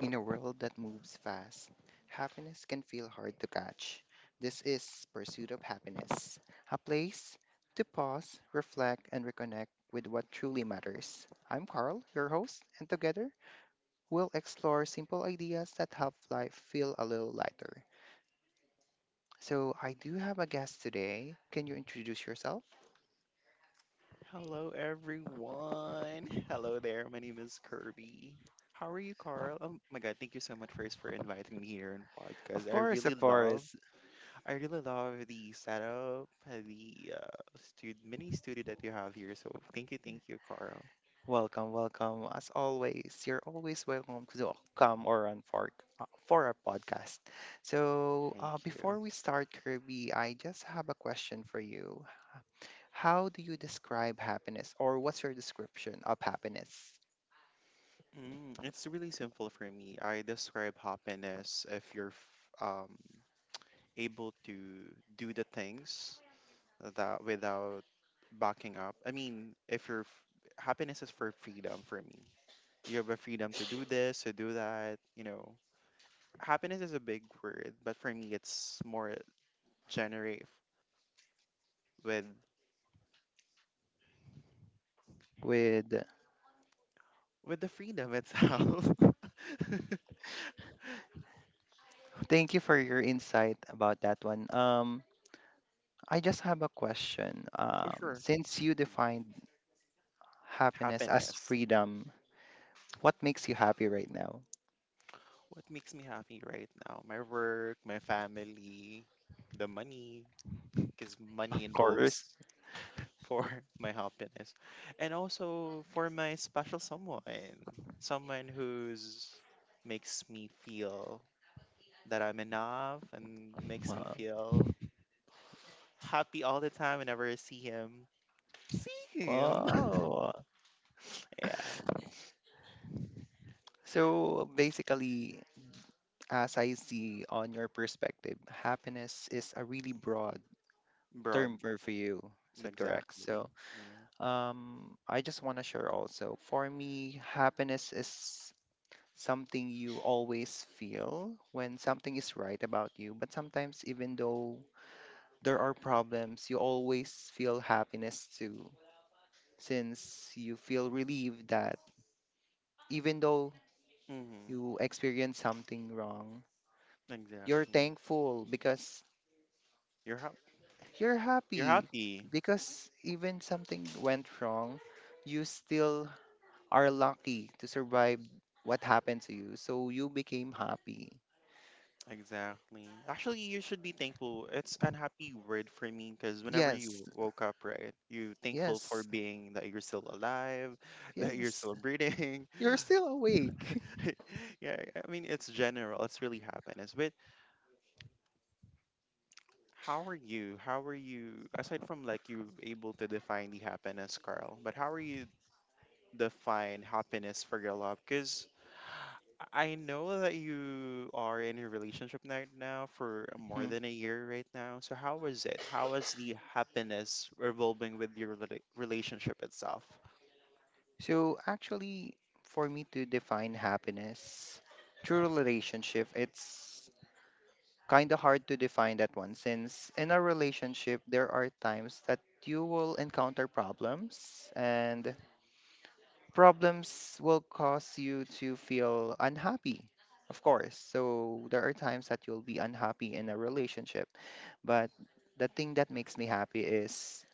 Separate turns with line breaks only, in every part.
In a world that moves fast, happiness can feel hard to catch. This is Pursuit of Happiness, a place to pause, reflect, and reconnect with what truly matters. I'm Carl, your host, and together we'll explore simple ideas that help life feel a little lighter. So, I do have a guest today. Can you introduce yourself?
Hello, everyone. Hello there. My name is Kirby. How are you, Carl? Oh my God, thank you so much first for inviting me here in
Of
podcast.
course, of course.
I really love the setup, the stud mini studio that you have here. So thank you, Carl.
Welcome, welcome. As always, you're always welcome to the come or on for our podcast. So,
Thank
before
you.
we start, Kirby, I just have a question for you. How do you describe happiness, or what's your description of happiness?
It's really simple for me. I describe happiness if you're able to do the things that without backing up. I mean, if your happiness is for freedom for me, you have a freedom to do this, to do that. You know, happiness is a big word, but for me, it's more generate with
With
with the freedom itself.
thank you for your insight about that one. I just have a question.
Oh, sure,
Since you defined happiness as
happiness.
freedom, what makes you happy right now?
What makes me happy right now? My work, my family, the money, because money
Of
involves
course.
for my happiness and also for my special someone who's makes me feel that I'm enough and makes me
Wow.
feel happy all the time whenever I see him.
Wow.
Yeah,
So basically, as I see on your perspective, happiness is a really broad
broad,
term for you. Is that correct?
exactly,
So,
yeah.
I just want to share also. For me, happiness is something you always feel when something is right about you. But sometimes, even though there are problems, you always feel happiness too, since you feel relieved that even though
Mm-hmm.
you experience something wrong, you're
Exactly,
thankful because
you're hap-
you're
you're
happy.
happy.
Because even something went wrong, you still are lucky to survive what happened to you. So you became happy.
Exactly. Actually, you should be thankful. It's an happy word for me because whenever
Yes.
you woke up, right, you thankful for
Yes.
being that you're still alive, that you're
Yes.
still breathing.
You're still awake.
Yeah, I mean, it's general. It's really happiness. But how are you? How are you? Aside from like you able to define the happiness, Carl, but how are you define happiness for your love? Because I know that you are in a relationship right now for more
Mhm.
than a year right now. So how was it? How was the happiness revolving with your relationship itself?
So actually, for me to define happiness, true relationship, it's kind of hard to define that one since in a relationship, there are times that you will encounter problems and problems will cause you to feel unhappy, of course. So there are times that you'll be unhappy in a relationship. But the thing that makes me happy is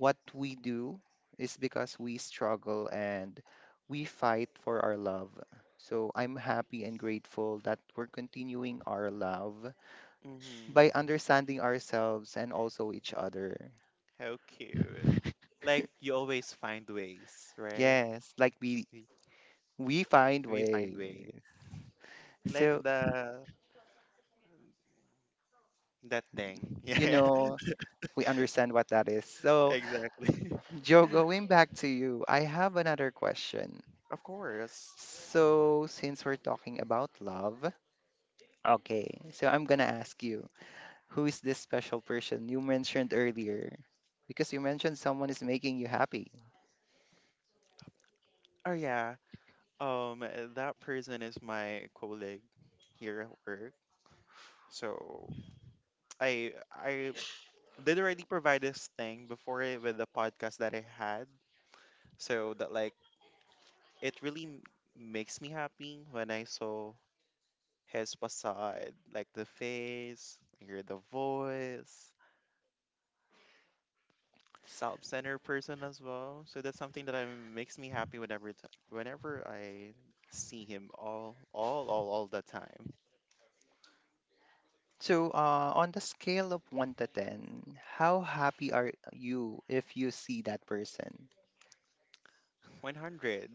what we do is because we struggle and we fight for our love. So I'm happy and grateful that we're continuing our love
Hmm.
by understanding ourselves and also each other.
How cute. Like you always find ways, right?
Yes, like
We,
we find
we find ways.
way.
Like
So,
the that thing.
you
Yeah,
know, we understand what that is. So,
exactly.
Joe, going back to you, I have another question.
Of course.
So, since we're talking about love, okay, so I'm gonna ask you, who is this special person you mentioned earlier? Because you mentioned someone is making you happy.
Oh yeah. That person is my colleague here at work. So I did already provide this thing before it with the podcast that I had. So that like it really makes me happy when I saw his facade, like the face, I hear the voice, self-centered person as well. So that's something that I, makes me happy whenever I see him all the time.
So, on the scale of 1 to 10, how happy are you if you see that person?
100.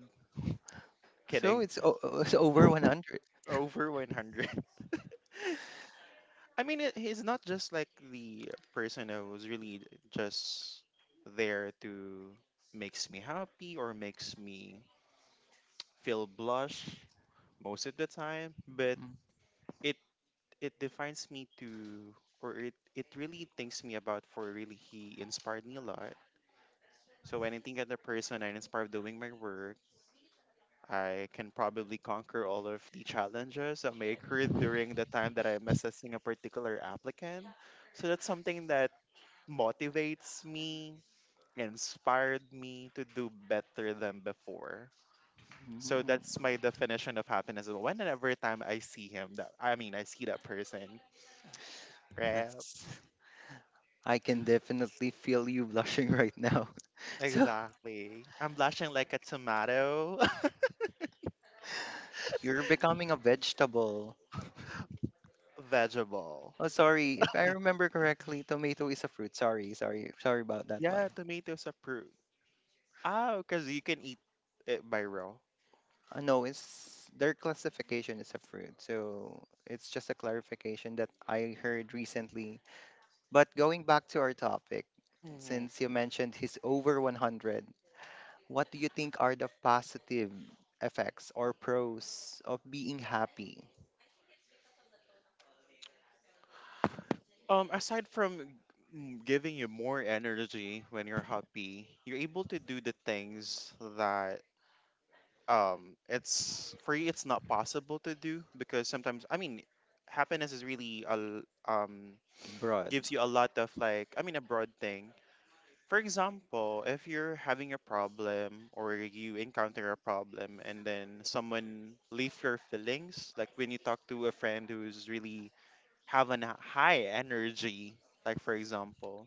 So,
Kidding.
it's over 100.
Over 100. I mean, it, he's not just like the person who was really just there to makes me happy or makes me feel blush most of the time, but
Mhm.
it it defines me to or it really thinks me about for really he inspired me a lot. So when I think of the person I inspired doing my work, I can probably conquer all of the challenges that may occur during the time that I'm assessing a particular applicant. So that's something that motivates me, inspired me to do better than before. So that's my definition of happiness. Whenever time I see him, that I mean, I see that person, right?
Yes. I can definitely feel you blushing right now. So,
Exactly. I'm blushing like a tomato.
you're becoming a vegetable.
Vegetable.
Oh, sorry. If I remember correctly, tomato is a fruit. Sorry, sorry, sorry about that
Yeah,
one.
tomatoes are fruit. Oh, because you can eat it by raw.
No, it's their classification is a fruit. So it's just a clarification that I heard recently. But going back to our topic,
Mm-hmm.
since you mentioned he's over 100, what do you think are the positive effects or pros of being happy
Aside from giving you more energy when you're happy, you're able to do the things that it's for you it's not possible to do because sometimes I mean happiness is really a
abroad?
gives you a lot of like I mean a broad thing. For example, if you're having a problem or you encounter a problem and then someone leave your feelings, like when you talk to a friend who's really have a high energy, like for example,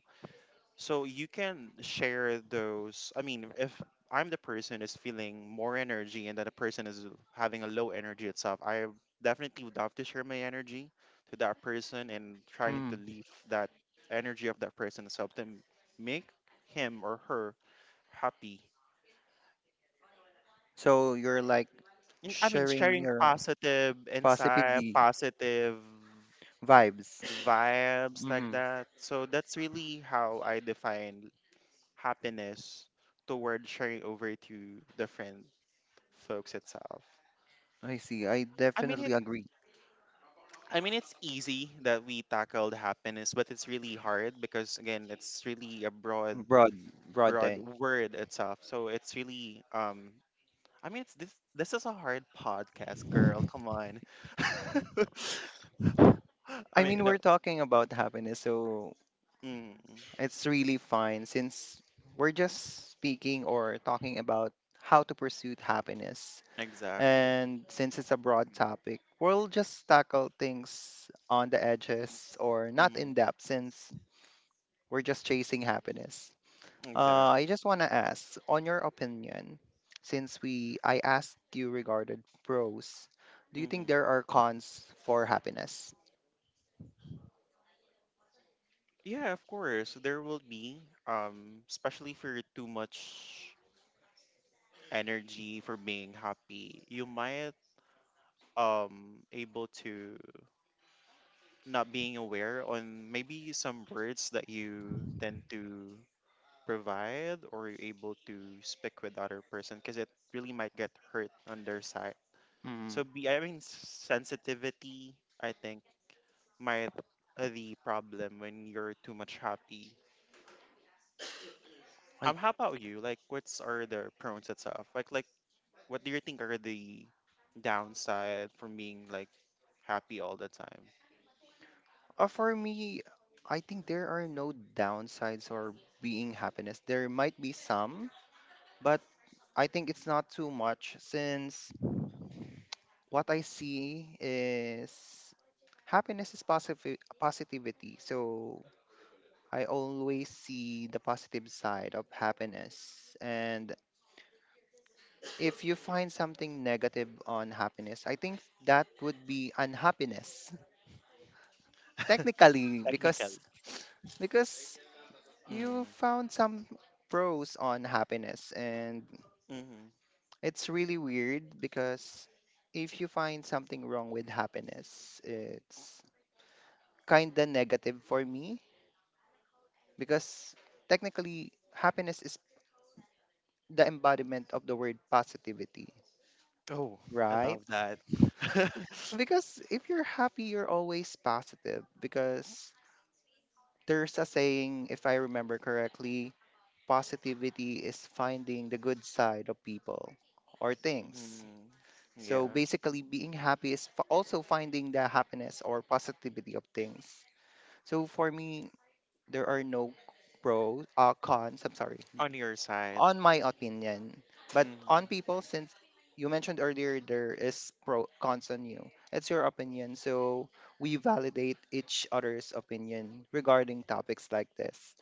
so you can share those. I mean, if I'm the person is feeling more energy and that the person is having a low energy itself, I definitely would love to share my energy to that person and trying to
Mm.
leave that energy of that person itself to make him or her happy.
So you're like
And, I mean,
sharing
sharing
your
positive insight,
positivity
positive
vibes.
vibes like
Hmm.
that. So that's really how I define happiness toward sharing over to the friend folks itself.
I see. I
I mean it
definitely agree.
I mean it's easy that we tackled happiness, but it's really hard because again it's really a
Broad, broad
broad
thing.
word itself. So it's really I mean it's this is a hard podcast, girl. Come on. I
I
mean
mean,
no.
we're talking about happiness, so
Mm,
it's really fine since we're just speaking or talking about how to pursue happiness.
exactly.
And since it's a broad topic, we'll just tackle things on the edges or not
Mm,
in depth since we're just chasing happiness.
exactly.
I just want to ask, on your opinion, since we I asked you regarded pros, do you think
Hmm.
there are cons for happiness?
Yeah, of course. There will be, especially for too much energy for being happy, you might able to not being aware on maybe some words that you tend to provide or you're able to speak with other person because it really might get hurt on their side.
Mm.
So be I mean sensitivity I think might the problem when you're too much happy.
I,
How about you? What's are the pros itself? What do you think are the downside from being like happy all the time?
for me, I think there are no downsides or being happiness. There might be some, but I think it's not too much since what I see is happiness is positive positivity. So I always see the positive side of happiness. And if you find something negative on happiness, I think that would be unhappiness. Technically,
Technically.
because you
Mm,
found some pros on happiness, and
mm.
it's really weird because if you find something wrong with happiness, it's kind of negative for me because technically happiness is the embodiment of the word positivity,
Oh, I
right?
love that. Mm,
Because if you're happy, you're always positive. Because there's a saying, if I remember correctly, positivity is finding the good side of people or things. So
yeah,
basically, being happy is also finding the happiness or positivity of things. So for me, there are no pros cons, I'm sorry,
on your side.
on my opinion, but
Mm,
on people, since you mentioned earlier there is pro cons on you, it's your opinion, so we validate each other's opinion regarding topics like this.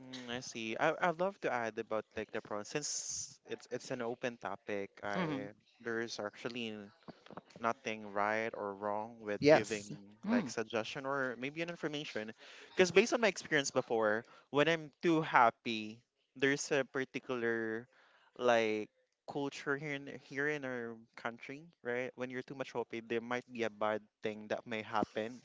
mm, I see. I love to add about like the pros since it's an open topic.
Hmm.
I there is actually nothing right or wrong with giving
Yes.
like
Mm.
suggestion or maybe an information because based on my experience before when I'm too happy there's a particular like culture here in here in our country, right, when you're too much happy there might be a bad thing that may happen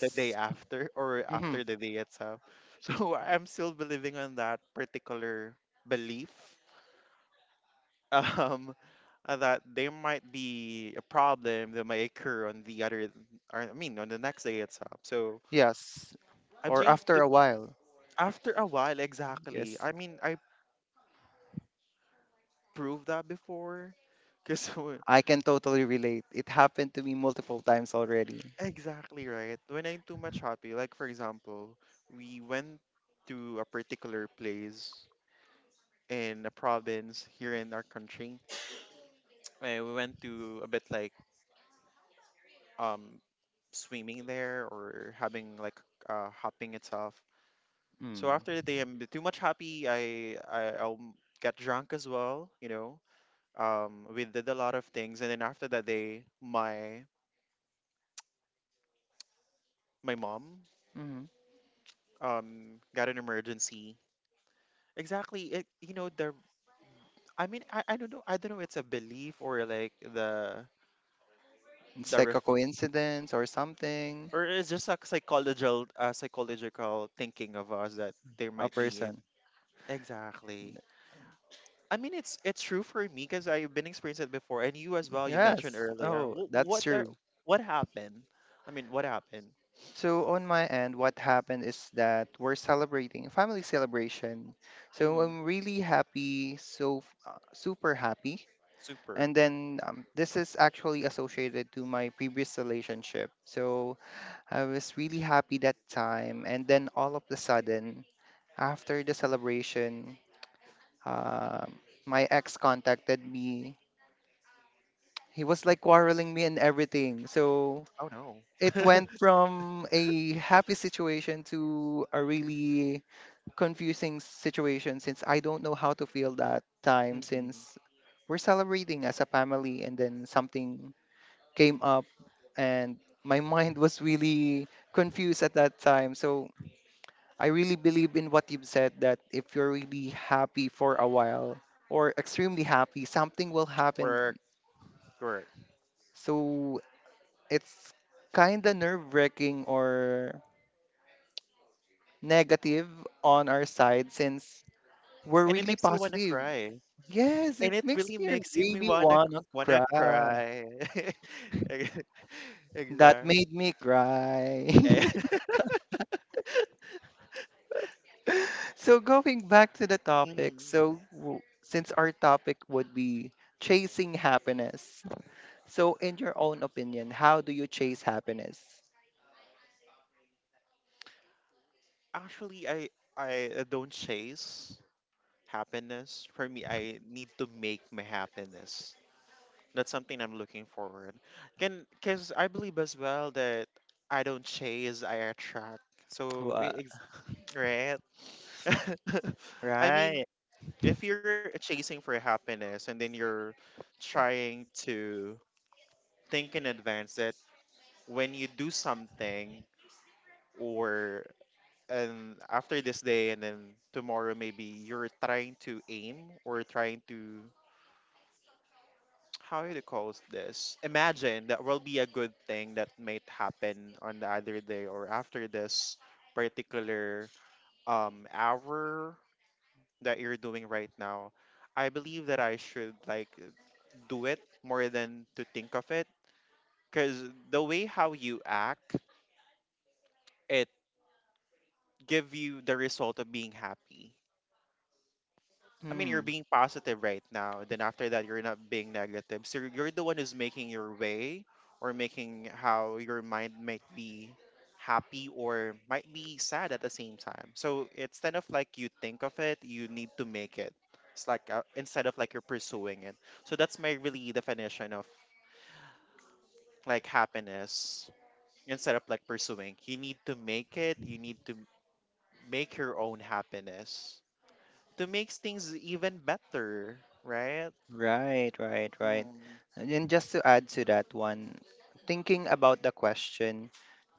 the day after or
Hmm.
after the day itself. So I'm still believing on that particular belief. um that there might be a problem that might occur on the other, or I mean, on the next day itself. So
Yes.
I'm
Or
saying
after
to,
a while.
after a while, exactly.
Yes,
I mean, I proved that before. Cause when-
I can totally relate. It happened to me multiple times already.
exactly, right. When I'm too much happy, like for example, we went to a particular place in a province here in our country. And we went to a bit like um swimming there or having like hopping itself. So
Mm.
after the day, I'm too much happy. I'll get drunk as well. You know, we did a lot of things, and then after that day, my mom got an emergency. Exactly. It you know the I mean I don't know it's a belief or like
It's
the
like a
ref
coincidence or something.
or it's just a psychological psychological thinking of us that there
A
might be
person.
exactly. I mean, it's true for me because I've been experiencing it before, and you as well. You mentioned
Yes.
earlier.
Oh, that's
What
true.
are, what happened? I mean, what happened?
So on my end, what happened is that we're celebrating a family celebration. So
Hmm.
I'm really happy, so super happy. And
Super.
then, this is actually associated to my previous relationship. So I was really happy that time. And then all of a sudden, after the celebration, um my ex contacted me. He was like quarreling me and everything. So
Oh no.
it went from a happy situation to a really confusing situation since I don't know how to feel that time
Hmm.
since we're celebrating as a family and then something came up and my mind was really confused at that time. So I really believe in what you've said that if you're really happy for a while or extremely happy, something will happen.
Work, work,
So it's kind of nerve wracking or negative on our side since we're
and it
really
makes you wanna
positive.
cry,
Yes, it
and it
makes
really
me
makes you me
really want to
wanna
cry.
cry. Ex-
That
exactly.
made me cry.
Eh,
So, going back to the topic,
Mhm.
so since our topic would be chasing happiness, so in your own opinion, how do you chase happiness?
Actually, I don't chase happiness. For me, I need to make my happiness. That's something I'm looking forward. Can because I believe as well that I don't chase, I attract. So
Wha-
we ex- right. I mean,
Right.
if you're chasing for happiness and then you're trying to think in advance that when you do something or and after this day and then tomorrow maybe you're trying to aim or trying to how do you call this? Imagine that will be a good thing that might happen on the other day or after this particular hour that you're doing right now. I believe that I should like do it more than to think of it because the way how you act, it give you the result of being happy. I mean, you're
Hmm.
being positive right now. Then after that, you're not being negative. So you're the one who's making your way or making how your mind might be happy or might be sad at the same time. So it's kind of like you think of it, you need to make it. It's like instead of like you're pursuing it. So that's my really definition of like happiness. Instead of like pursuing, you need to make it, you need to make your own happiness to make things even better, right?
Right, right, right.
Mm.
And then just to add to that one, thinking about the question,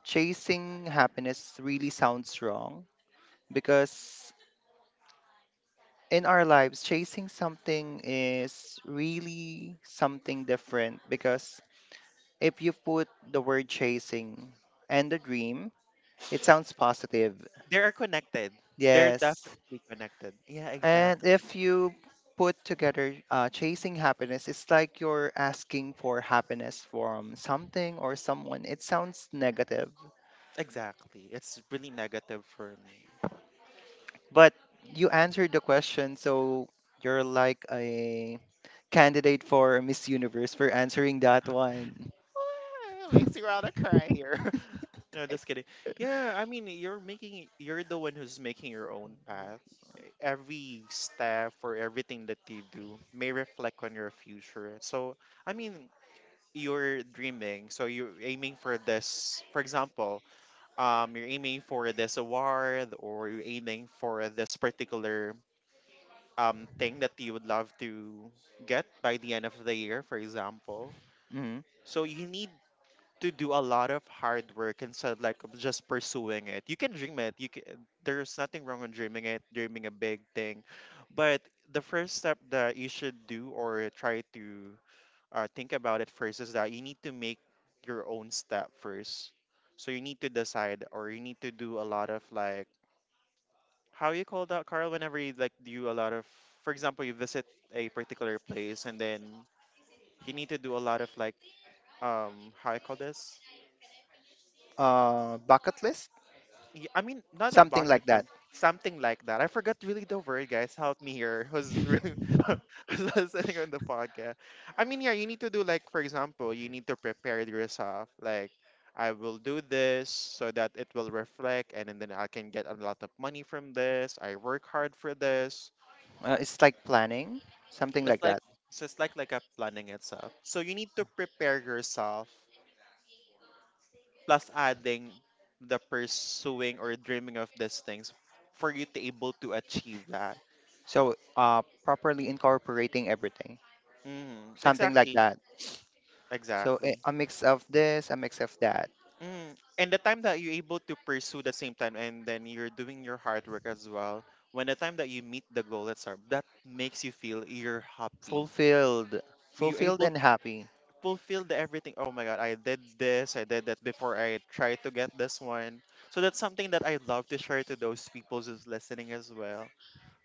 chasing happiness really sounds wrong because in our lives, chasing something is really something different. Because if you put the word chasing and the dream, it sounds positive.
They are connected. They're
Yes.
definitely connected. Yeah,
And
exactly.
if you put together, chasing happiness, it's like you're asking for happiness from something or someone. It sounds negative,
Exactly. It's really negative for me.
but you answered the question, so you're like a candidate for Miss Universe for answering that one.
It makes you wanna cry here. No, just kidding. Yeah, I mean, you're the one who's making your own path. Every step or everything that you do may reflect on your future. So, I mean, you're dreaming, so you're aiming for this. For example, you're aiming for this award or you're aiming for this particular thing that you would love to get by the end of the year, for example.
Mhm.
So you need to do a lot of hard work instead like of just pursuing it. You can dream it. You can, there's nothing wrong with dreaming it, dreaming a big thing. But the first step that you should do or try to think about it first is that you need to make your own step first. So you need to decide, or you need to do a lot of, like, how you call that, Carl, whenever you, like, do a lot of, for example, you visit a particular place and then you need to do a lot of, like, how I call this?
Bucket list,
I mean, not a
something
bucket
like that.
list, something like that. I forgot really the word, guys. Help me here. Who's really? Who's listening on the podcast? I mean, yeah, you need to do like, for example, you need to prepare yourself. Like, I will do this so that it will reflect, and then I can get a lot of money from this. I work hard for this.
It's like planning, something
It's
like
like,
that.
it's just like a planning itself. So you need to prepare yourself plus adding the pursuing or dreaming of these things for you to able to achieve that.
So, properly incorporating everything,
Mm,
something like
exactly.
that. So,
Exactly.
a mix of this, a mix of that.
Mm. And the time that you're able to pursue the same time and then you're doing your hard work as well, when the time that you meet the goal, that makes you feel you're happy.
Fulfilled.
You're
Fulfilled
able to
and happy.
fulfill the everything. Oh my God, I did this, I did that before I tried to get this one. So that's something that I love to share to those people who's listening as well.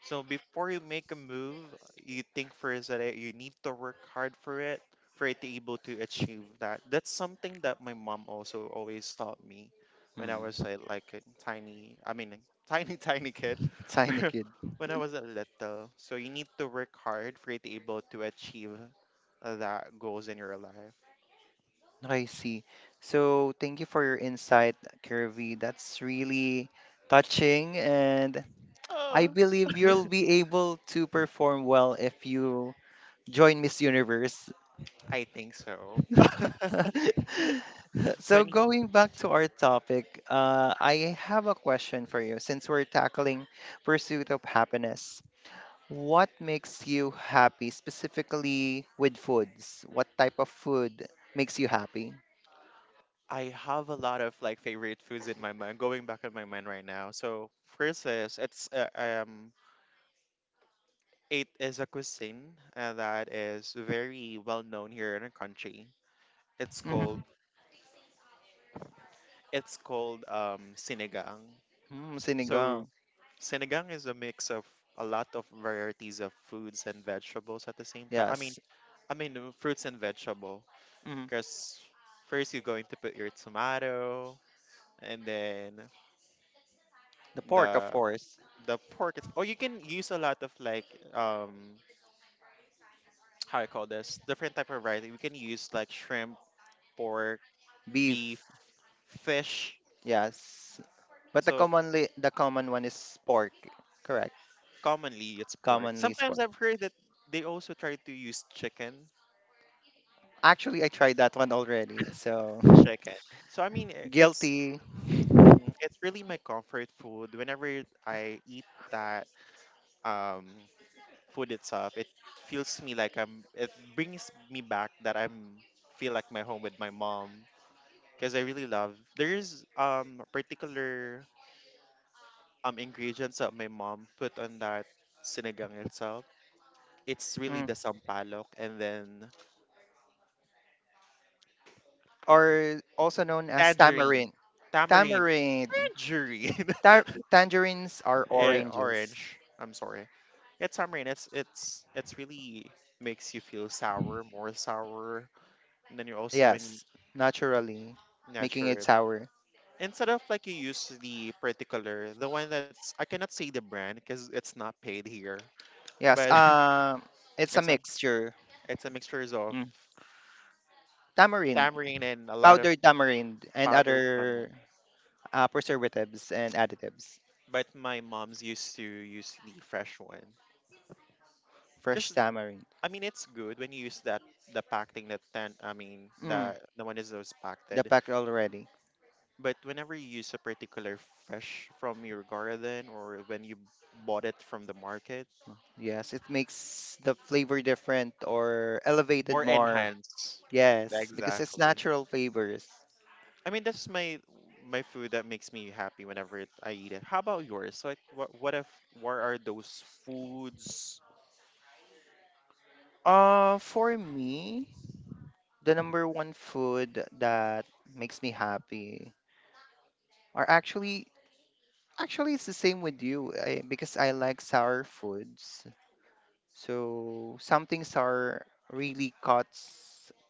So before you make a move, you think first that you need to work hard for it to able to achieve that. That's something that my mom also always taught me when I
Hmm.
was like a tiny, I mean, a tiny, tiny kid,
Tiny kid.
when I was a little. So you need to work hard for it to able to achieve that goals in your life.
I see. So thank you for your insight, Kirby. That's really touching, and I
Oh,
believe you'll be able to perform well if you join Miss Universe.
I think so.
So
20.
going back to our topic, I have a question for you since we're tackling pursuit of happiness. What makes you happy specifically with foods? What type of food makes you happy?
I have a lot of like favorite foods in my mind, going back in my mind right now. So first is it is a cuisine that is very well known here in our country. It's called
Mm-hmm.
it's called sinigang.
Mm,
So
sinigang.
sinigang is a mix of a lot of varieties of foods and vegetables at the same time. I mean,
Yes.
I mean, fruits and vegetable.
Mm.
Because first you're going to put your tomato and then
The pork, of
the
course.
the pork, or you can use a lot of like, um how I call this, different type of variety. We can use like shrimp, pork, beef,
Beef.
fish.
Yes. But
So
the common one is pork. Correct.
commonly it's pork.
Commonly is pork.
Sometimes I've heard that they also try to use chicken.
Actually, I tried that one already. So
Chicken. So I mean, I- it's
guilty.
mhm, it's really my comfort food. Whenever I eat that um food itself, it feels me like I'm it brings me back that I'm feel like my home with my mom because I really love. There's particular ingredients that my mom put on that sinigang itself. It's really
Mm.
the sampalok and then
Or also known as
tangerine,
tamarind.
tamarind,
Tamarind.
tangerine,
Tangerines are oranges.
orange. I'm sorry. Yeah, tamarind. It's really makes you feel sour, more sour, and then you also when you
Yes, naturally, making it
natural.
sour.
Instead of like you use the particular, the one that's, I cannot say the brand because it's not paid here,
Yes,
but
it's a
it's
mixture.
It's a mixture of
Mm. Tamarind,
tamarind and a lot of
powdered tamarind, and
powdered
other
tamarind.
preservatives and additives.
But my mom's used to use the fresh one.
Fresh
Because,
tamarind.
I mean, it's good when you use that, the packed thing that, then, I mean,
Mm,
the one is those packed.
the pack already.
But whenever you use a particular fresh from your garden or when you bought it from the market,
Yes, it makes the flavor different or elevated
more
more.
enhanced.
Yes, because it's
Exactly.
natural flavors.
I mean, that's my food that makes me happy whenever it, I eat it. How about yours? Like, what if what are those foods?
For me, the number one food that makes me happy are Actually it's the same with you, because I like sour foods. So something sour really caught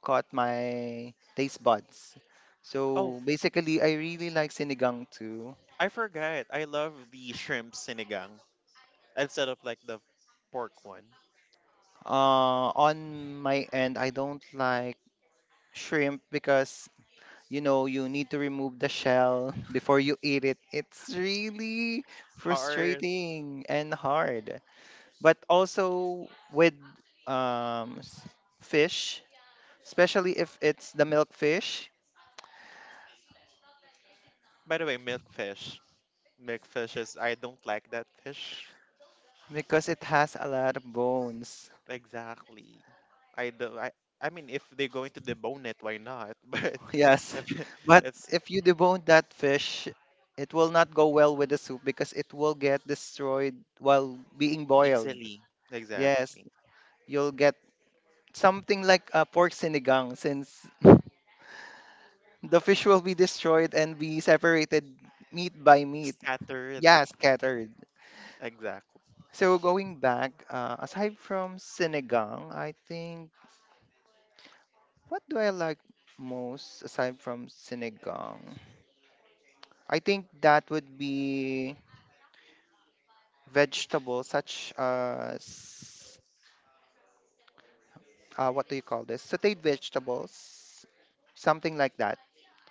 caught my taste buds.
Oh,
So basically, I really like sinigang too.
I forgot. I love the shrimp sinigang instead of like the pork one.
On my end, I don't like shrimp because you know you need to remove the shell before you eat it. It's really
How are,
frustrating and hard. But also with um, s- fish, especially if it's the milkfish
by the way, milkfish? Milkfish is, I don't like that fish.
because it has a lot of bones.
Exactly. I do. I mean, if they're going to debone it, why not? But
Yes,
if
but
it's
if you debone that fish, it will not go well with the soup because it will get destroyed while being boiled.
easily,
Yes,
exactly,
you'll get something like a pork sinigang since the fish will be destroyed and be separated meat by meat.
scattered.
Yeah, scattered.
Exactly.
So going back, aside from sinigang, I think what do I like most aside from sinigang? I think that would be vegetables such as, what do you call this? Sauteed vegetables, something like that.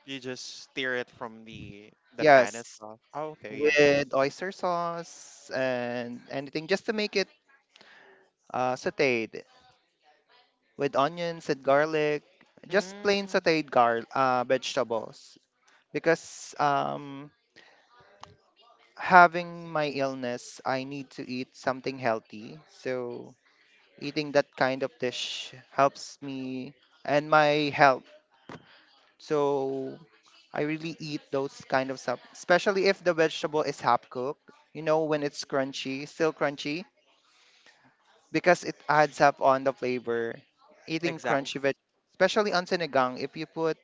You just steer it from the pan
Yes,
itself. Oh, okay, yeah.
with oyster sauce and anything just to make it, sauteed, with onions and garlic, just plain
Mm,
sauteed gar vegetables. Because, having my illness, I need to eat something healthy. So eating that kind of dish helps me and my health. So I really eat those kind of stuff, especially if the vegetable is half cooked. You know, when it's crunchy, still crunchy, because it adds up on the flavor. Eating
exactly.
crunchy veg, especially on sinigang, if you put,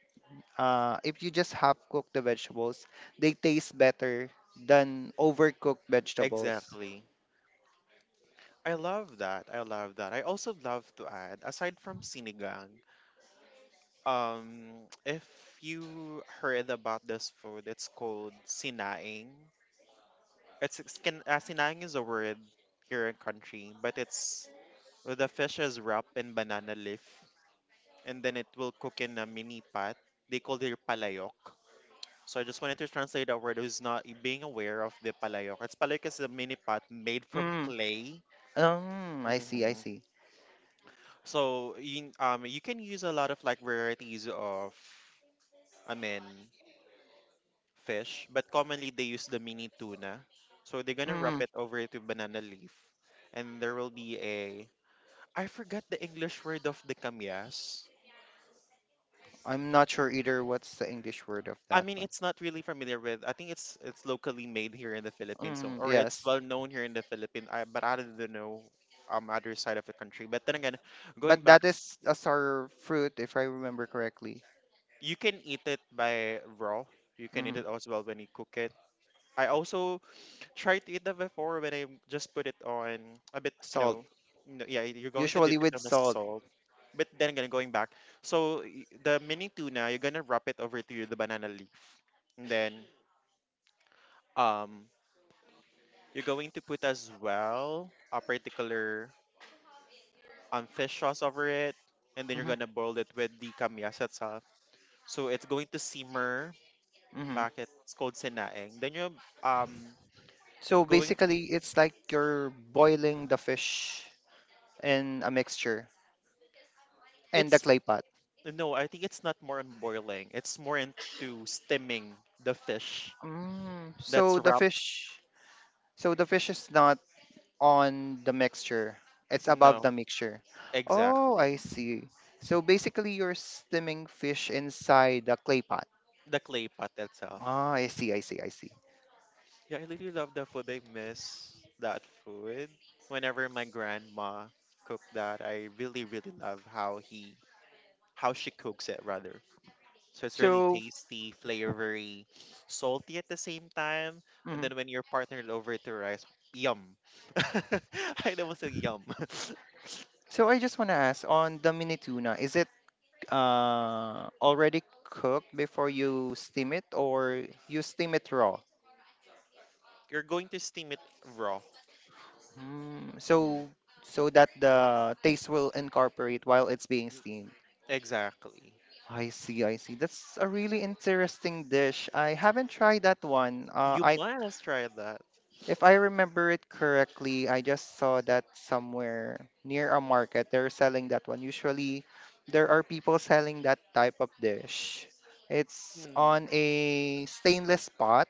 uh, if you just half cook the vegetables, they taste better than overcooked vegetables.
Exactly. I love that. I love that. I also love to add, aside from sinigang, if you heard about this food, it's called sinaing. Sinaing is a word here in country, but it's well, the fish is wrapped in banana leaf, and then it will cook in a mini pot. They call it palayok. So I just wanted to translate a word who's not being aware of the palayok. It's palayok is a mini pot made from
Mm.
clay.
I see, I
hmm
see.
So you, you can use a lot of like varieties of, I mean, fish, but commonly they use the mini tuna. So they're gonna
Mm,
wrap it over to banana leaf, and there will be a. I forgot the English word of the kamyas.
I'm not sure either what's the English word of
I
that
mean,
one.
it's not really familiar with. I think it's locally made here in the Philippines,
Mm,
or it's
yes,
well known here in the Philippines. I, but I don't know other side of the country. But then again, going
but that
back,
is a sour fruit, if I remember correctly.
you can eat it by raw. You can eat
Mm,
it as well when you cook it. I also tried to eat that before when I just put it on a bit,
salt,
no, yeah, you're going to
usually
dip it
with
on the
salt.
salt. But then again, going back, so the mini tuna, you're gonna wrap it over to the banana leaf, and then um you're going to put as well a particular fish sauce over it, and then you're
Hmm.
gonna boil it with the kamyas itself. So it's going to simmer.
Hmm.
Bakit? It's called sinaing. Then you're, um
So
going.
basically, it's like you're boiling the fish in a mixture and the
It's
clay pot.
No, I think it's not more on boiling. It's more into steaming the fish
Mm,
that's
so the
wrapped.
fish, so the fish is not on the mixture. It's above
No,
the mixture. Oh,
exactly.
I see. So basically, you're steaming fish inside the clay pot.
The clay pot itself.
Ah, I see, I see, I see.
Yeah, I really love the food. I miss that food. Whenever my grandma cooked that, I really, really love how she cooks it rather. So it's really
So.
tasty, flavory, salty at the same time. And
Mhm.
then when you're partnered over to rice, yum. I almost said yum.
So I just want to ask on the mini tuna, is it already cooked before you steam it, or you steam it raw?
You're going to steam it raw.
Mm,
Mm,
so that the taste will incorporate while it's being
mm,
steamed.
exactly.
I see, I see. That's a really interesting dish. I haven't tried that one. Uh,
You
I,
must try that.
if I remember it correctly, I just saw that somewhere near a market. They're selling that one. Usually, there are people selling that type of dish. It's
Mm.
on a stainless pot.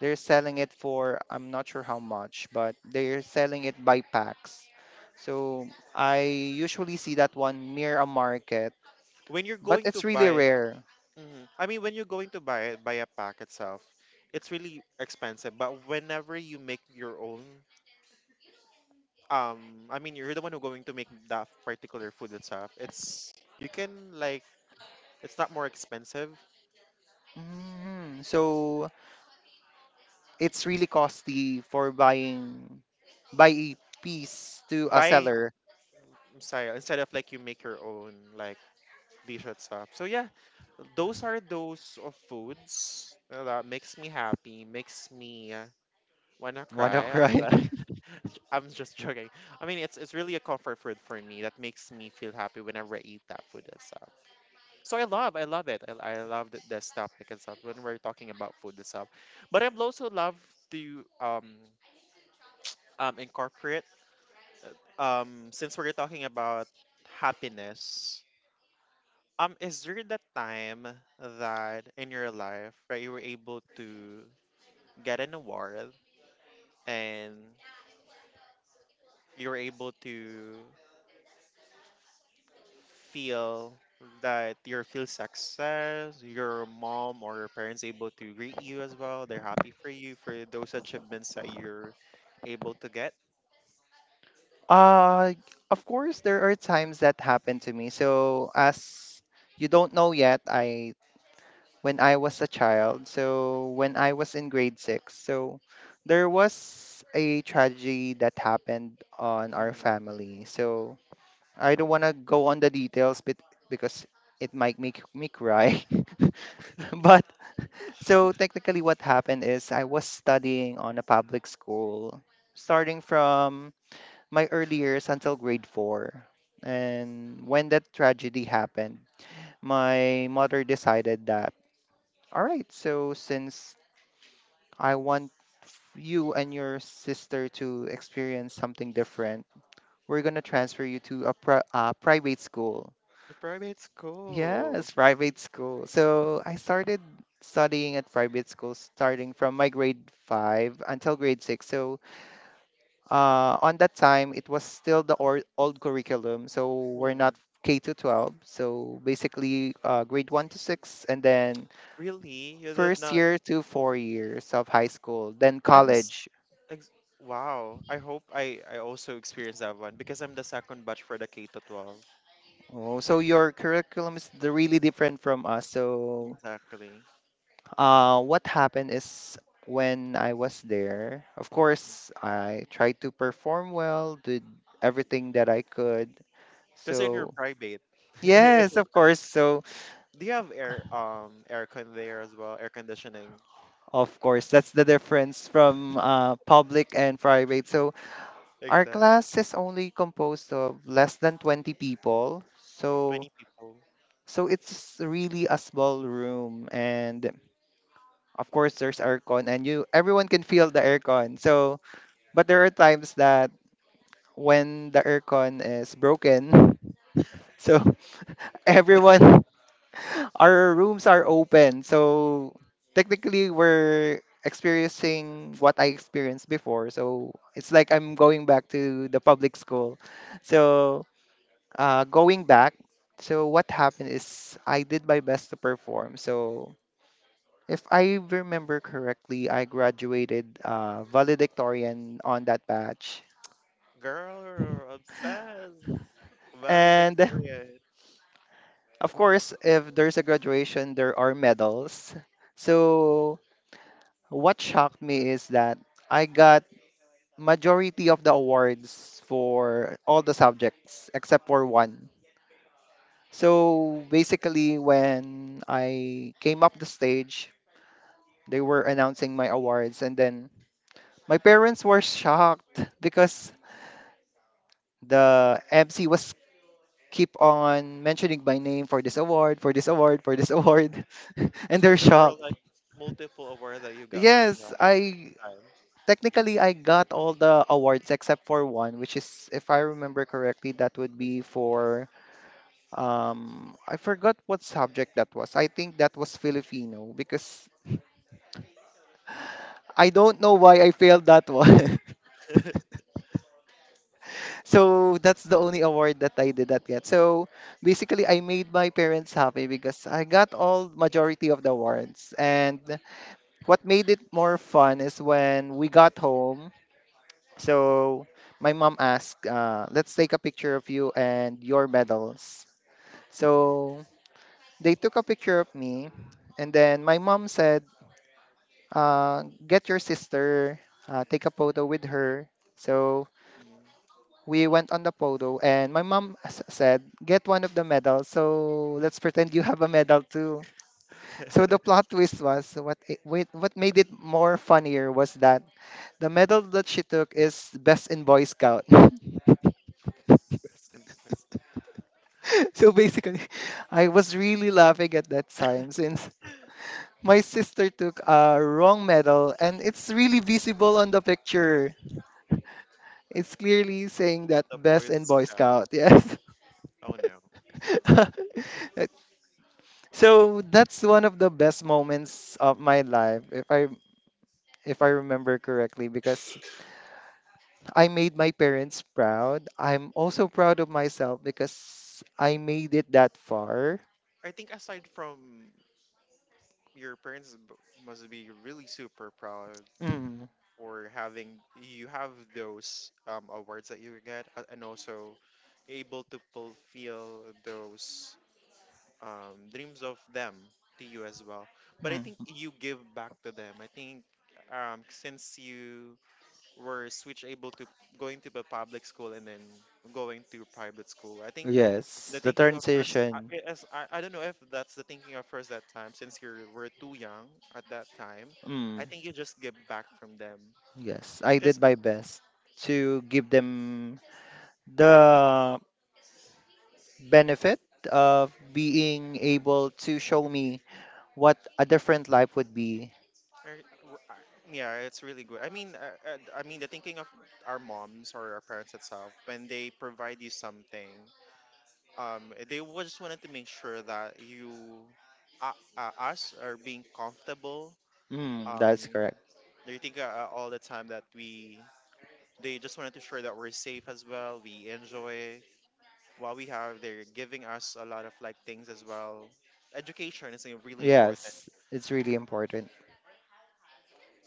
They're selling it for, I'm not sure how much, but they're selling it by packs. So I usually see that one near a market,
When you're
but
going to
it's really
buy,
rare.
I mean, when you're going to buy it, buy a pack itself, it's really expensive. But whenever you make your own, I mean, you're the one who going to make that particular food itself. It's you can like it's not more expensive
Mm, so it's really costly for buy a piece to a
buying
seller.
style instead of like you make your own like dish itself. So yeah, those are those of foods that makes me happy, makes me wanna
Wanna
cry as
cry?
well. I'm just joking. I mean, it's really a comfort food for me that makes me feel happy whenever I eat that food itself. So I love it. I love this topic itself when we're talking about food itself. But I'd also love to incorporate since we're talking about happiness. Is there that time that in your life that you were able to get an award and you were able to feel that you feel success, your mom or your parents able to greet you as well. They're happy for you for those achievements that you're able to get.
Uh, of course, there are times that happen to me. So, as you don't know yet, I when I was a child, so when I was in grade six, so there was a tragedy that happened on our
Mm.
family. So I don't want to go on the details, but because it might make me cry. But so technically what happened is I was studying on a public school starting from my early years until grade 4. And when that tragedy happened, my mother decided that, all right, so since I want you and your sister to experience something different, we're going to transfer you to a private school.
A private school.
Yes, private school. So I started studying at private school starting from my grade five until grade six. So on that time, it was still the old curriculum. So we're not
Mm.
K to 12. So basically, grade one to six, and then
Really? You did
first
not.
year to 4 years of high school, then
I must.
college.
Ex- wow. I hope I also experienced that one because I'm the second batch for the K to 12.
Oh, so your curriculum is the really different from us. So,
Exactly.
What happened is when I was there, of course, I tried to perform well, did everything that I could.
Because in your
So,
private.
yes,
Do
of course. So,
you have air, air con there as well? Air conditioning.
of course, that's the difference from public and private. So, our
Exactly.
class is only composed of less than 20 people. So,
20 people.
so it's really a small room, and of course there's aircon and you everyone can feel the aircon. So, but there are times that when the aircon is broken. So everyone, our rooms are open. So technically, we're experiencing what I experienced before. So it's like I'm going back to the public school. So going back, so what happened is I did my best to perform. So if I remember correctly, I graduated valedictorian on that batch.
Girl, obsessed.
And
Valedictorian.
of course, if there's a graduation, there are medals. So what shocked me is that I got majority of the awards for all the subjects except for one. So basically, when I came up the stage, they were announcing my awards, and then my parents were shocked because the MC was keep on mentioning my name for this award, for this award, for this award, and
So
they're
there were
shocked.
like multiple awards that you got from that
Yes, I
time.
technically I got all the awards except for one, which is if I remember correctly, that would be for I forgot what subject that was. I think that was Filipino because I don't know why I failed that one. So that's the only award that I did not get. So basically I made my parents happy because I got all majority of the awards, and what made it more fun is when we got home. So my mom asked, let's take a picture of you and your medals. So they took a picture of me, and then my mom said, get your sister, take a photo with her. So
Mhm.
we went on the photo, and my mom said, get one of the medals. So let's pretend you have a medal too. So the
That's
plot twist was what made it more funnier was that the medal that she took is best in Boy Scout.
impressive.
So basically, I was really laughing at that time since my sister took a wrong medal and it's really visible on the picture. It's clearly saying that
The
best
Boy
in Boy Scout.
Scout.
Yes.
Oh no.
So that's one of the best moments of my life if I remember correctly because I made my parents proud. I'm also proud of myself because I made it that far.
I think aside from your parents, must be really super proud
Mm.
for having you have those awards that you and also able to fulfill those dreams of them to you as well. But I think
Mm.
you give back to them. I think, since you were switch able to going to the public school and then going to private school, I think
Yes,
the
the
thinking of yours,
transition.
as I don't know if that's the thinking of yours that time since you were too young at that time.
Mm,
I think you just give back from them.
yes, I
Cause,
did my best to give them the benefit of being
mm,
able to show me what a different life would be.
yeah, it's really good. I mean, the thinking of our moms or our parents itself when they provide you something, they just wanted to make sure that you, us are being comfortable,
Mm, that's
um
correct.
they think, all the time that we, they just wanted to sure that we're safe as well, we enjoy what we have, they're giving us a lot of like things as well. Education is really important.
Yes, it's really important.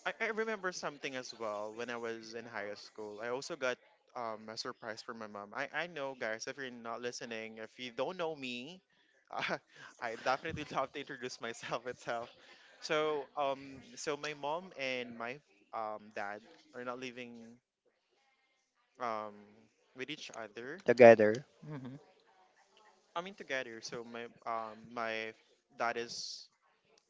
I remember something as well when I was in high school. I also got a surprise from my mom. I know, guys, if you're not listening, if you don't know me, uh, I definitely love to introduce myself itself. So my mom and my dad are not living um, with each other.
Together. Mm-hmm.
I mean, together. So my my dad is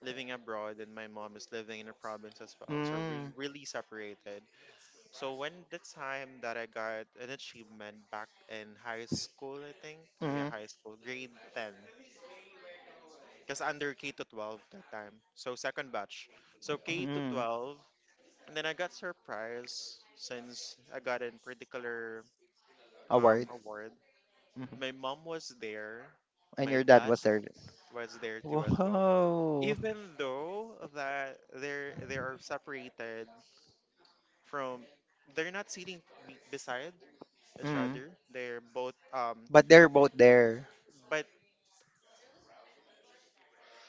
living abroad and my mom is living in a province as well. So we
Mm,
really separated. So when the time that I got an achievement back in high school, I think, yeah,
mm,
high school, grade 10, because under K to 12 that time. So second batch. So K to
mm,
12, and then I got surprised since I got a particular
award.
award. My
Mm-hmm.
mom was there,
And
my
your dad
dad
was there.
was there too as well.
Whoa.
Even though that they are separated from, they're not sitting beside each
Mm.
other. They're both
But they're both there.
but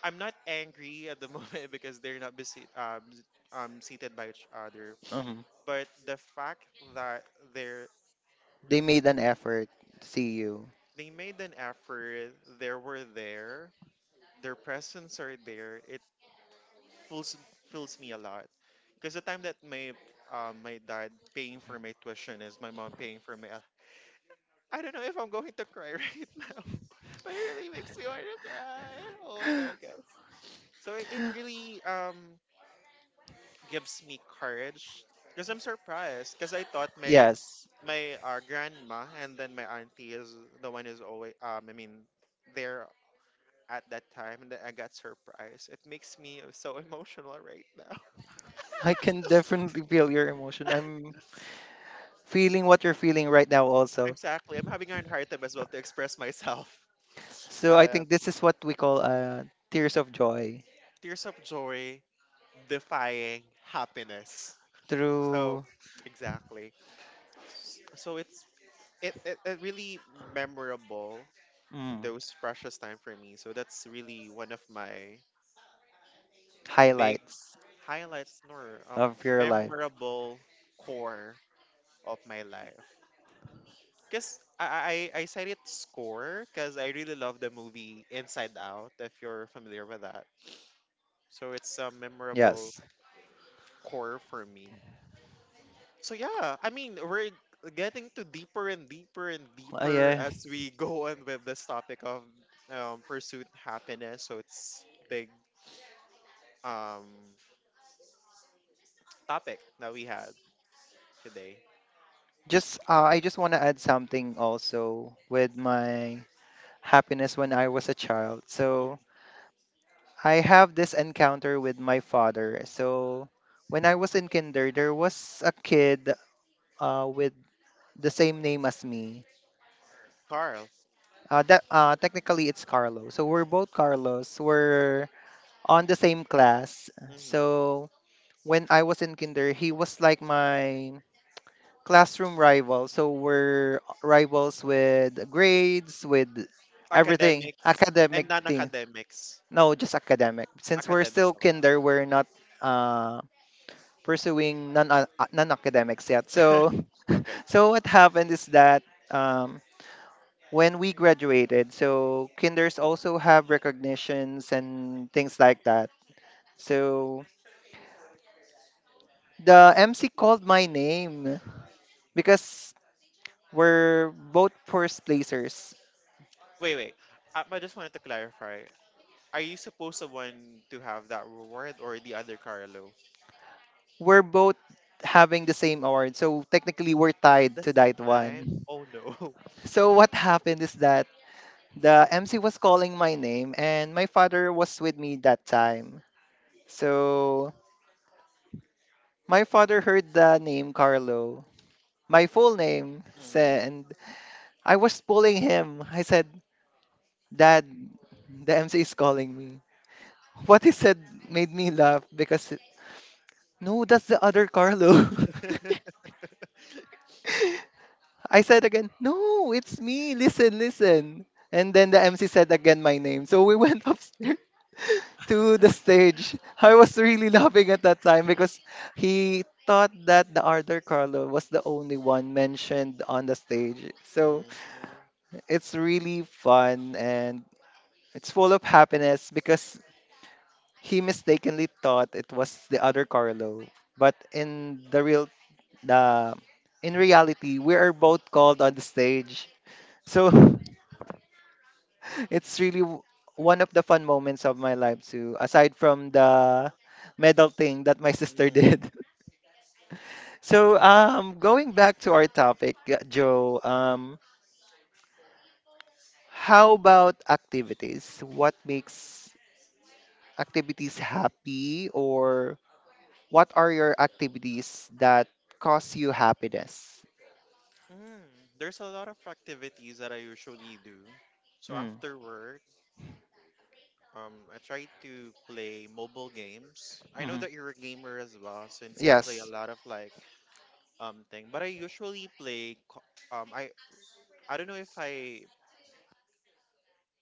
I'm not angry at the moment because they're not busy, seated by each other.
Mhm.
But the fact that they're
They made an effort to see you.
they made an effort, they were there, their presence are there. It fills fills me a lot. Because the time that my my dad paying for my tuition is my mom paying for my. I don't know if I'm going to cry right now, but it really makes me want to cry. Oh my god, guys! So it really gives me courage because I'm surprised because I thought my
Yes,
my uh, grandma and then my auntie is the one is always there at that time and then I got surprised. It makes me so emotional right now.
I can definitely feel your emotion. I'm feeling what you're feeling right now also.
Exactly, I'm having a hard time as well to express myself.
So I
Uh,
think this is what we call tears of joy
Tears of joy, defying happiness. So
through
exactly. So it's it really memorable
mm,
those precious time for me. So that's really one of my big
highlights
highlights nor
of your life.
memorable core of my life. Cause I said it score because I really love the movie Inside Out, if you're familiar with that. So it's a memorable
Yes.
core for me. So yeah, I mean we're getting to deeper and deeper and
Uh,
deeper
yeah.
as we go on with this topic of pursuit happiness. So it's big um topic that we had today.
Just I just want to add something also with my happiness when I was a child.
Mhm.
So I have this encounter with my father. So when I was in kinder, there was a kid with the same name as me.
Carl,
That technically it's Carlo. So we're both Carlos. We're on the same class.
hmm
So when I was in kinder, he was like my classroom rival. So we're rivals with grades, with everything,
academics
academic
and
thing.
non-academics.
No, just academic. Since we're
Academics
still
only.
kinder, we're not uh, pursuing non academics yet. So
Okay, okay.
So what happened is that um, when we graduated. So kinders also have recognitions and things like that. So the MC called my name because we're both first placers.
Wait, wait. I just wanted to clarify. Are you supposed to want to have that reward or the other Carlo?
We're both having the same award. So technically we're
At
tied
the
to
same
that
time?
one.
Oh no.
So what happened is that the MC was calling my name and my father was with me that time. So my father heard the name Carlo, my full name,
Mm.
and I was pulling him. I said, Dad, the MC is calling me. What he said made me laugh because, no, that's the other Carlo. I said again, no, it's me. Listen, listen. And then the MC said again my name. So we went upstairs to the stage. I was really laughing at that time because he thought that the other Carlo was the only one mentioned on the stage. So
Mhm,
it's really fun and it's full of happiness because he mistakenly thought it was the other Carlo, but the in reality, we are both called on the stage. So it's really one of the fun moments of my life too, aside from the medal thing that my sister
mhm.
did. So going back to our topic, Joe, how about activities? What makes activities happy, or what are your activities that cause you happiness?
Mm, there's a lot of activities that I usually do. So
Mm.
after work, I try to play mobile games. I know
Hmm.
that you're a gamer as well, since you play a
Yes.
lot of like thing. But I usually play. Um, I don't know if I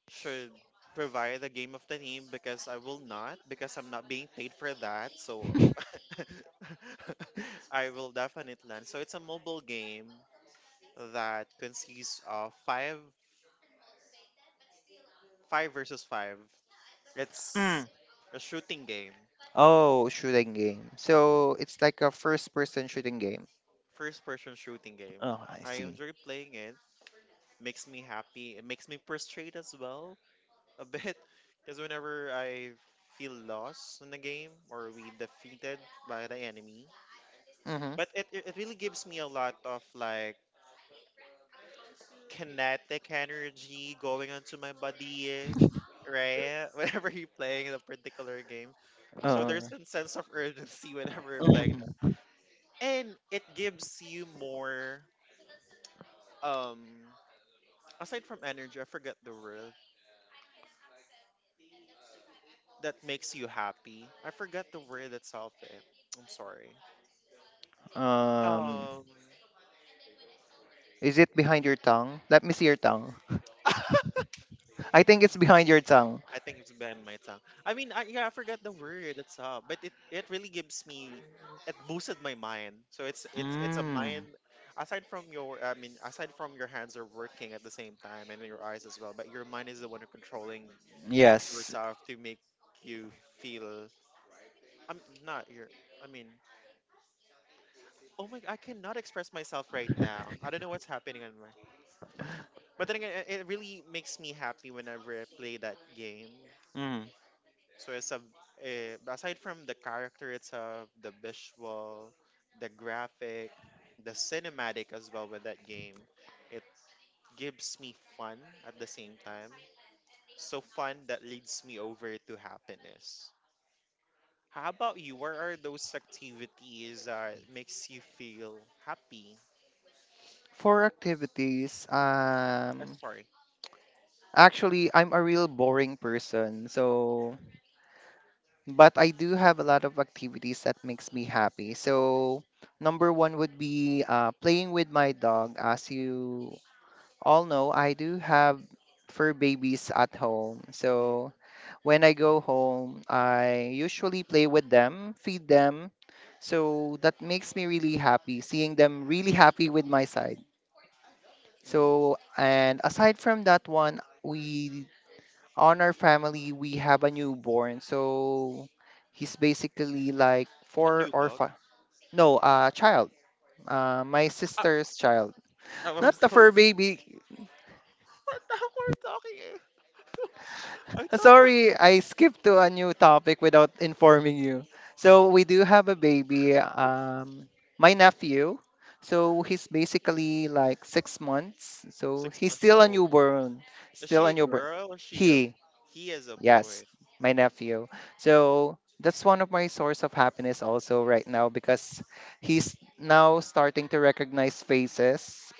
should provide the game of the name because I will not because I'm not being paid for that. So I will definitely land. So it's a mobile game that consists of 5v5. It's
Mm.
a shooting game.
Oh, shooting game. So it's like a first person shooting game.
First person shooting game.
Oh, I
I
see.
enjoy playing it. Makes me happy. It makes me frustrated as well a bit because whenever I feel lost in the game or we defeated by the enemy,
Mm-hmm.
but it really gives me a lot of like kinetic energy going onto my body, eh, right? Whenever you're playing the particular game. So
Uh,
there's a sense of urgency whenever you're playing that.
mhm.
And it gives you more um aside from energy, I forget the word that makes you happy. I forget the word itself. Eh. I'm sorry.
um,
Um,
Is it behind your tongue? Let me see your tongue.
I
I think it's behind your tongue.
think it's been my tongue. I mean, I, yeah, I forgot the word itself, but it really gives me it boosted my mind. So it's a
Mm.
mind aside from your I mean aside from your hands are working at the same time and your eyes as well, but your mind is the one who controlling
Yes.
yourself to make you feel I'm not your I mean oh my, I cannot express myself right now. I don't know what's happening on my. But then again, it really makes me happy whenever I play that game.
Mm.
So it's a eh, aside from the character itself, the visual, the graphic, the cinematic as well with that game, it gives me fun at the same time. So fun that leads me over to happiness. How about you? What are those activities that makes you feel happy?
For activities,
Sorry.
actually, I'm a real boring person. So but I do have a lot of activities that makes me happy. So number one would be playing with my dog. As you all know, I do have fur babies at home. So when I go home, I usually play with them, feed them. So that makes me really happy, seeing them really happy with my side.
Mm-hmm.
So and aside from that one, we on our family we have a newborn, so he's basically like
A
four
new
or
dog?
five. No, a child, my
Ah,
sister's child,
I'm
not
I'm
the
so what
fur baby.
the heck we're talking? Eh? I thought we're
Sorry, I skipped to a new topic without informing you. So we do have a baby, my nephew, so he's basically like 6 months, so
six
he's
months
still a
old.
newborn.
Is
Still
she
a
a
newborn
girl or she a?
he
He is a
Yes,
boy.
my nephew. So that's one of my source of happiness also right now because he's now starting to recognize faces.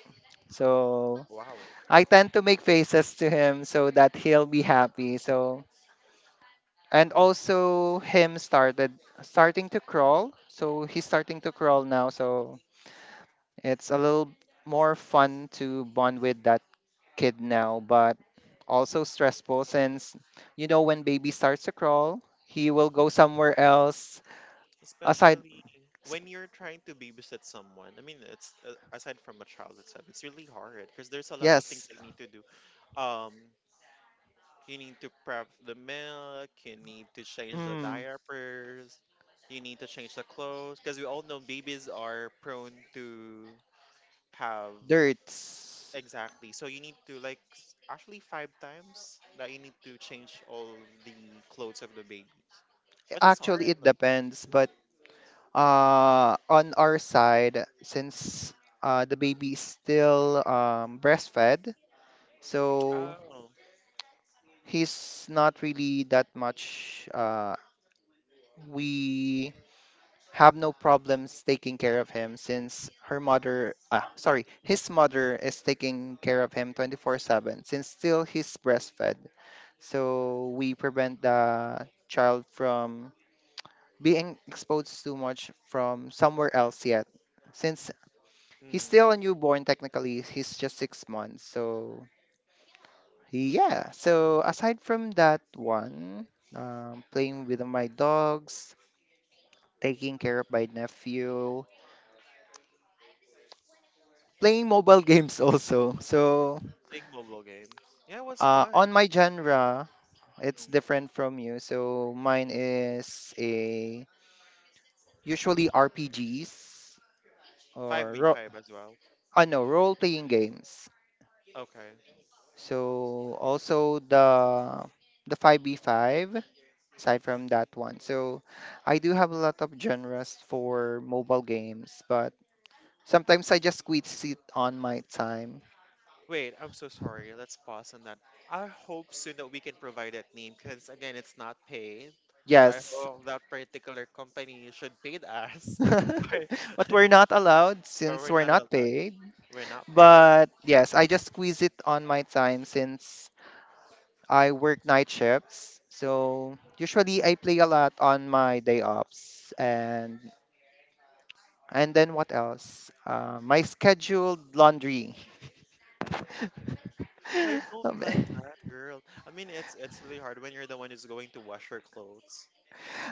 So
Wow.
I tend to make faces to him so that he'll be happy. So and also him started starting to crawl. So he's starting to crawl now. So it's a little more fun to bond with that kid now, but also stressful since you know when baby starts to crawl, he will go somewhere else aside.
Especially when you're trying to babysit someone. I mean, it's aside from a child itself, it's really hard because there's a lot of things
Yes,
they need to do. Um, you need to prep the milk. You need to change the
mm,
diapers. You need to change the clothes because we all know babies are prone to have
dirts.
exactly. So you need to like actually five times that you need to change all of the clothes of the babies. But it's
Actually,
hard.
it
Though.
depends, but on our side, since the baby is still breastfed, so
Oh.
he's not really that much. We have no problems taking care of him since his mother is taking care of him 24/7 since still he's breastfed. So we prevent the child from being exposed too much from somewhere else yet. Since
Mm.
he's still a newborn technically, he's just 6 months. So yeah, so aside from that one, playing with my dogs, taking care of my nephew, playing mobile games also. So
Playing mobile games. Yeah, it was fun.
on my genre, it's
Mm.
different from you. So mine is a usually RPGs or ro-
5v5 as well.
no role playing games.
Okay.
So also the 5v5 aside from that one. So I do have a lot of genres for mobile games, but sometimes I just squeeze it on my time.
Wait, I'm so sorry. Let's pause on that. I hope soon that we can provide that name because again, it's not paid. I
Yes.
hope that particular company should pay us,
But
but,
we're not allowed
but
since
we're
we're
not
not
allowed.
paid.
We're not paid.
But yes, I just squeeze it on my time since I work night shifts. So usually I play a lot on my day offs, and then what else? My scheduled laundry.
I don't
Um,
like that, girl. I mean, it's really hard when you're the one who's going to wash your clothes.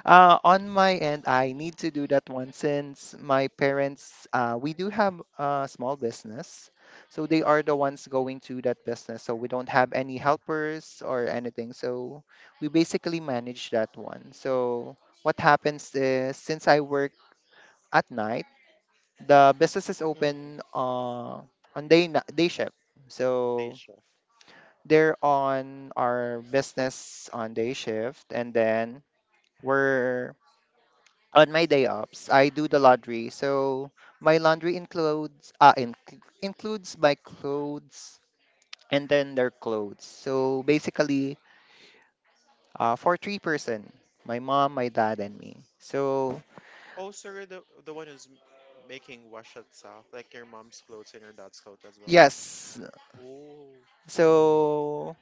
on my end, I need to do that one since my parents, we do have a small business. So they are the ones going to that business. So we don't have any helpers or anything. So we basically manage that one. So what happens is since I work at night, the business is
Mm,
open on day, day shift.
day
So
shift.
they're on our business on day shift and then we're on my day offs, I do the laundry. So my
Mm.
laundry includes includes my clothes and then their clothes. So basically, for three-person, my mom, my dad, and me. So
Oh, so you're the one who's making wash itself, like your mom's clothes and your dad's clothes as well.
yes,
Oh.
so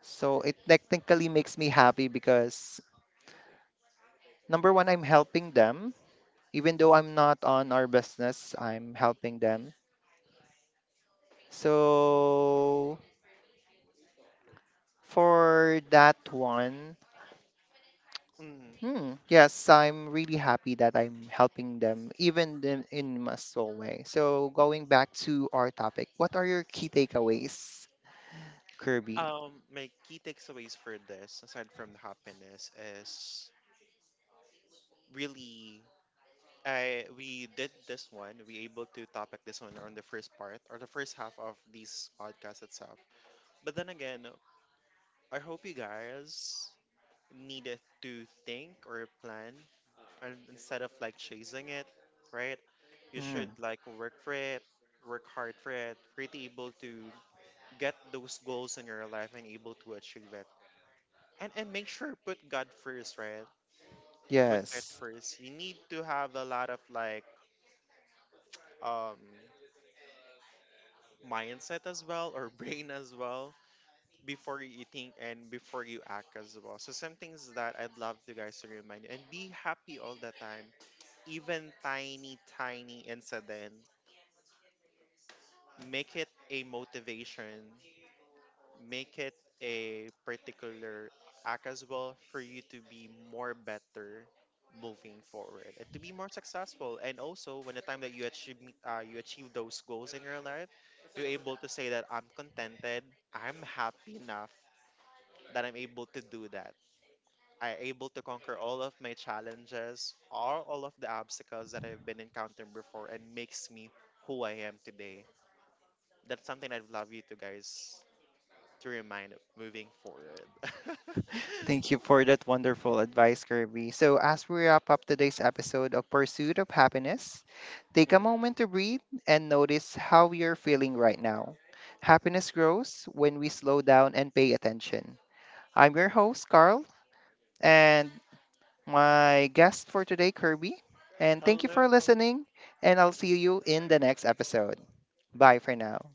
so it technically makes me happy because number one, I'm helping them. Even though I'm not on our business, I'm helping them. So for that one.
Mm.
Hmm. Yes, I'm really happy that I'm helping them, even in my small way. So, going back to our topic, what are your key takeaways, Kirby?
My key takeaways for this, aside from happiness, is really I we did this one. We able to topic this one on the first part or the first half of this podcast itself. But then again, I hope you guys needed to think or plan and instead of like chasing it, right? You
Mm,
should like work for it, work hard for it, really able to get those goals in your life and able to achieve it. And make sure put God first, right? Put God
yes.
first. You need to have a lot of like um mindset as well or brain as well before you think and before you act as well. So some things that I'd love you guys to remind you and be happy all the time even tiny, tiny incident, make it a motivation, make it a particular act as well for you to be more better moving forward and to be more successful. And also, when the time that you achieve you achieve those goals in your life, you're able to say that I'm contented, I'm happy enough that I'm able to do that. I able to conquer all of my challenges, all of the obstacles that I've been encountering before and makes me who I am today. That's something I'd love you to guys to remind moving forward.
Thank you for that wonderful advice, Kirby. So, as we wrap up today's episode of Pursuit of Happiness, take a
Mhm.
moment to breathe and notice how you're feeling right now. Happiness grows when we slow down and pay attention. I'm your host, Carl, and my guest for today, Kirby. And thank you for
Hello.
listening, and I'll see you in the next episode. Bye for now.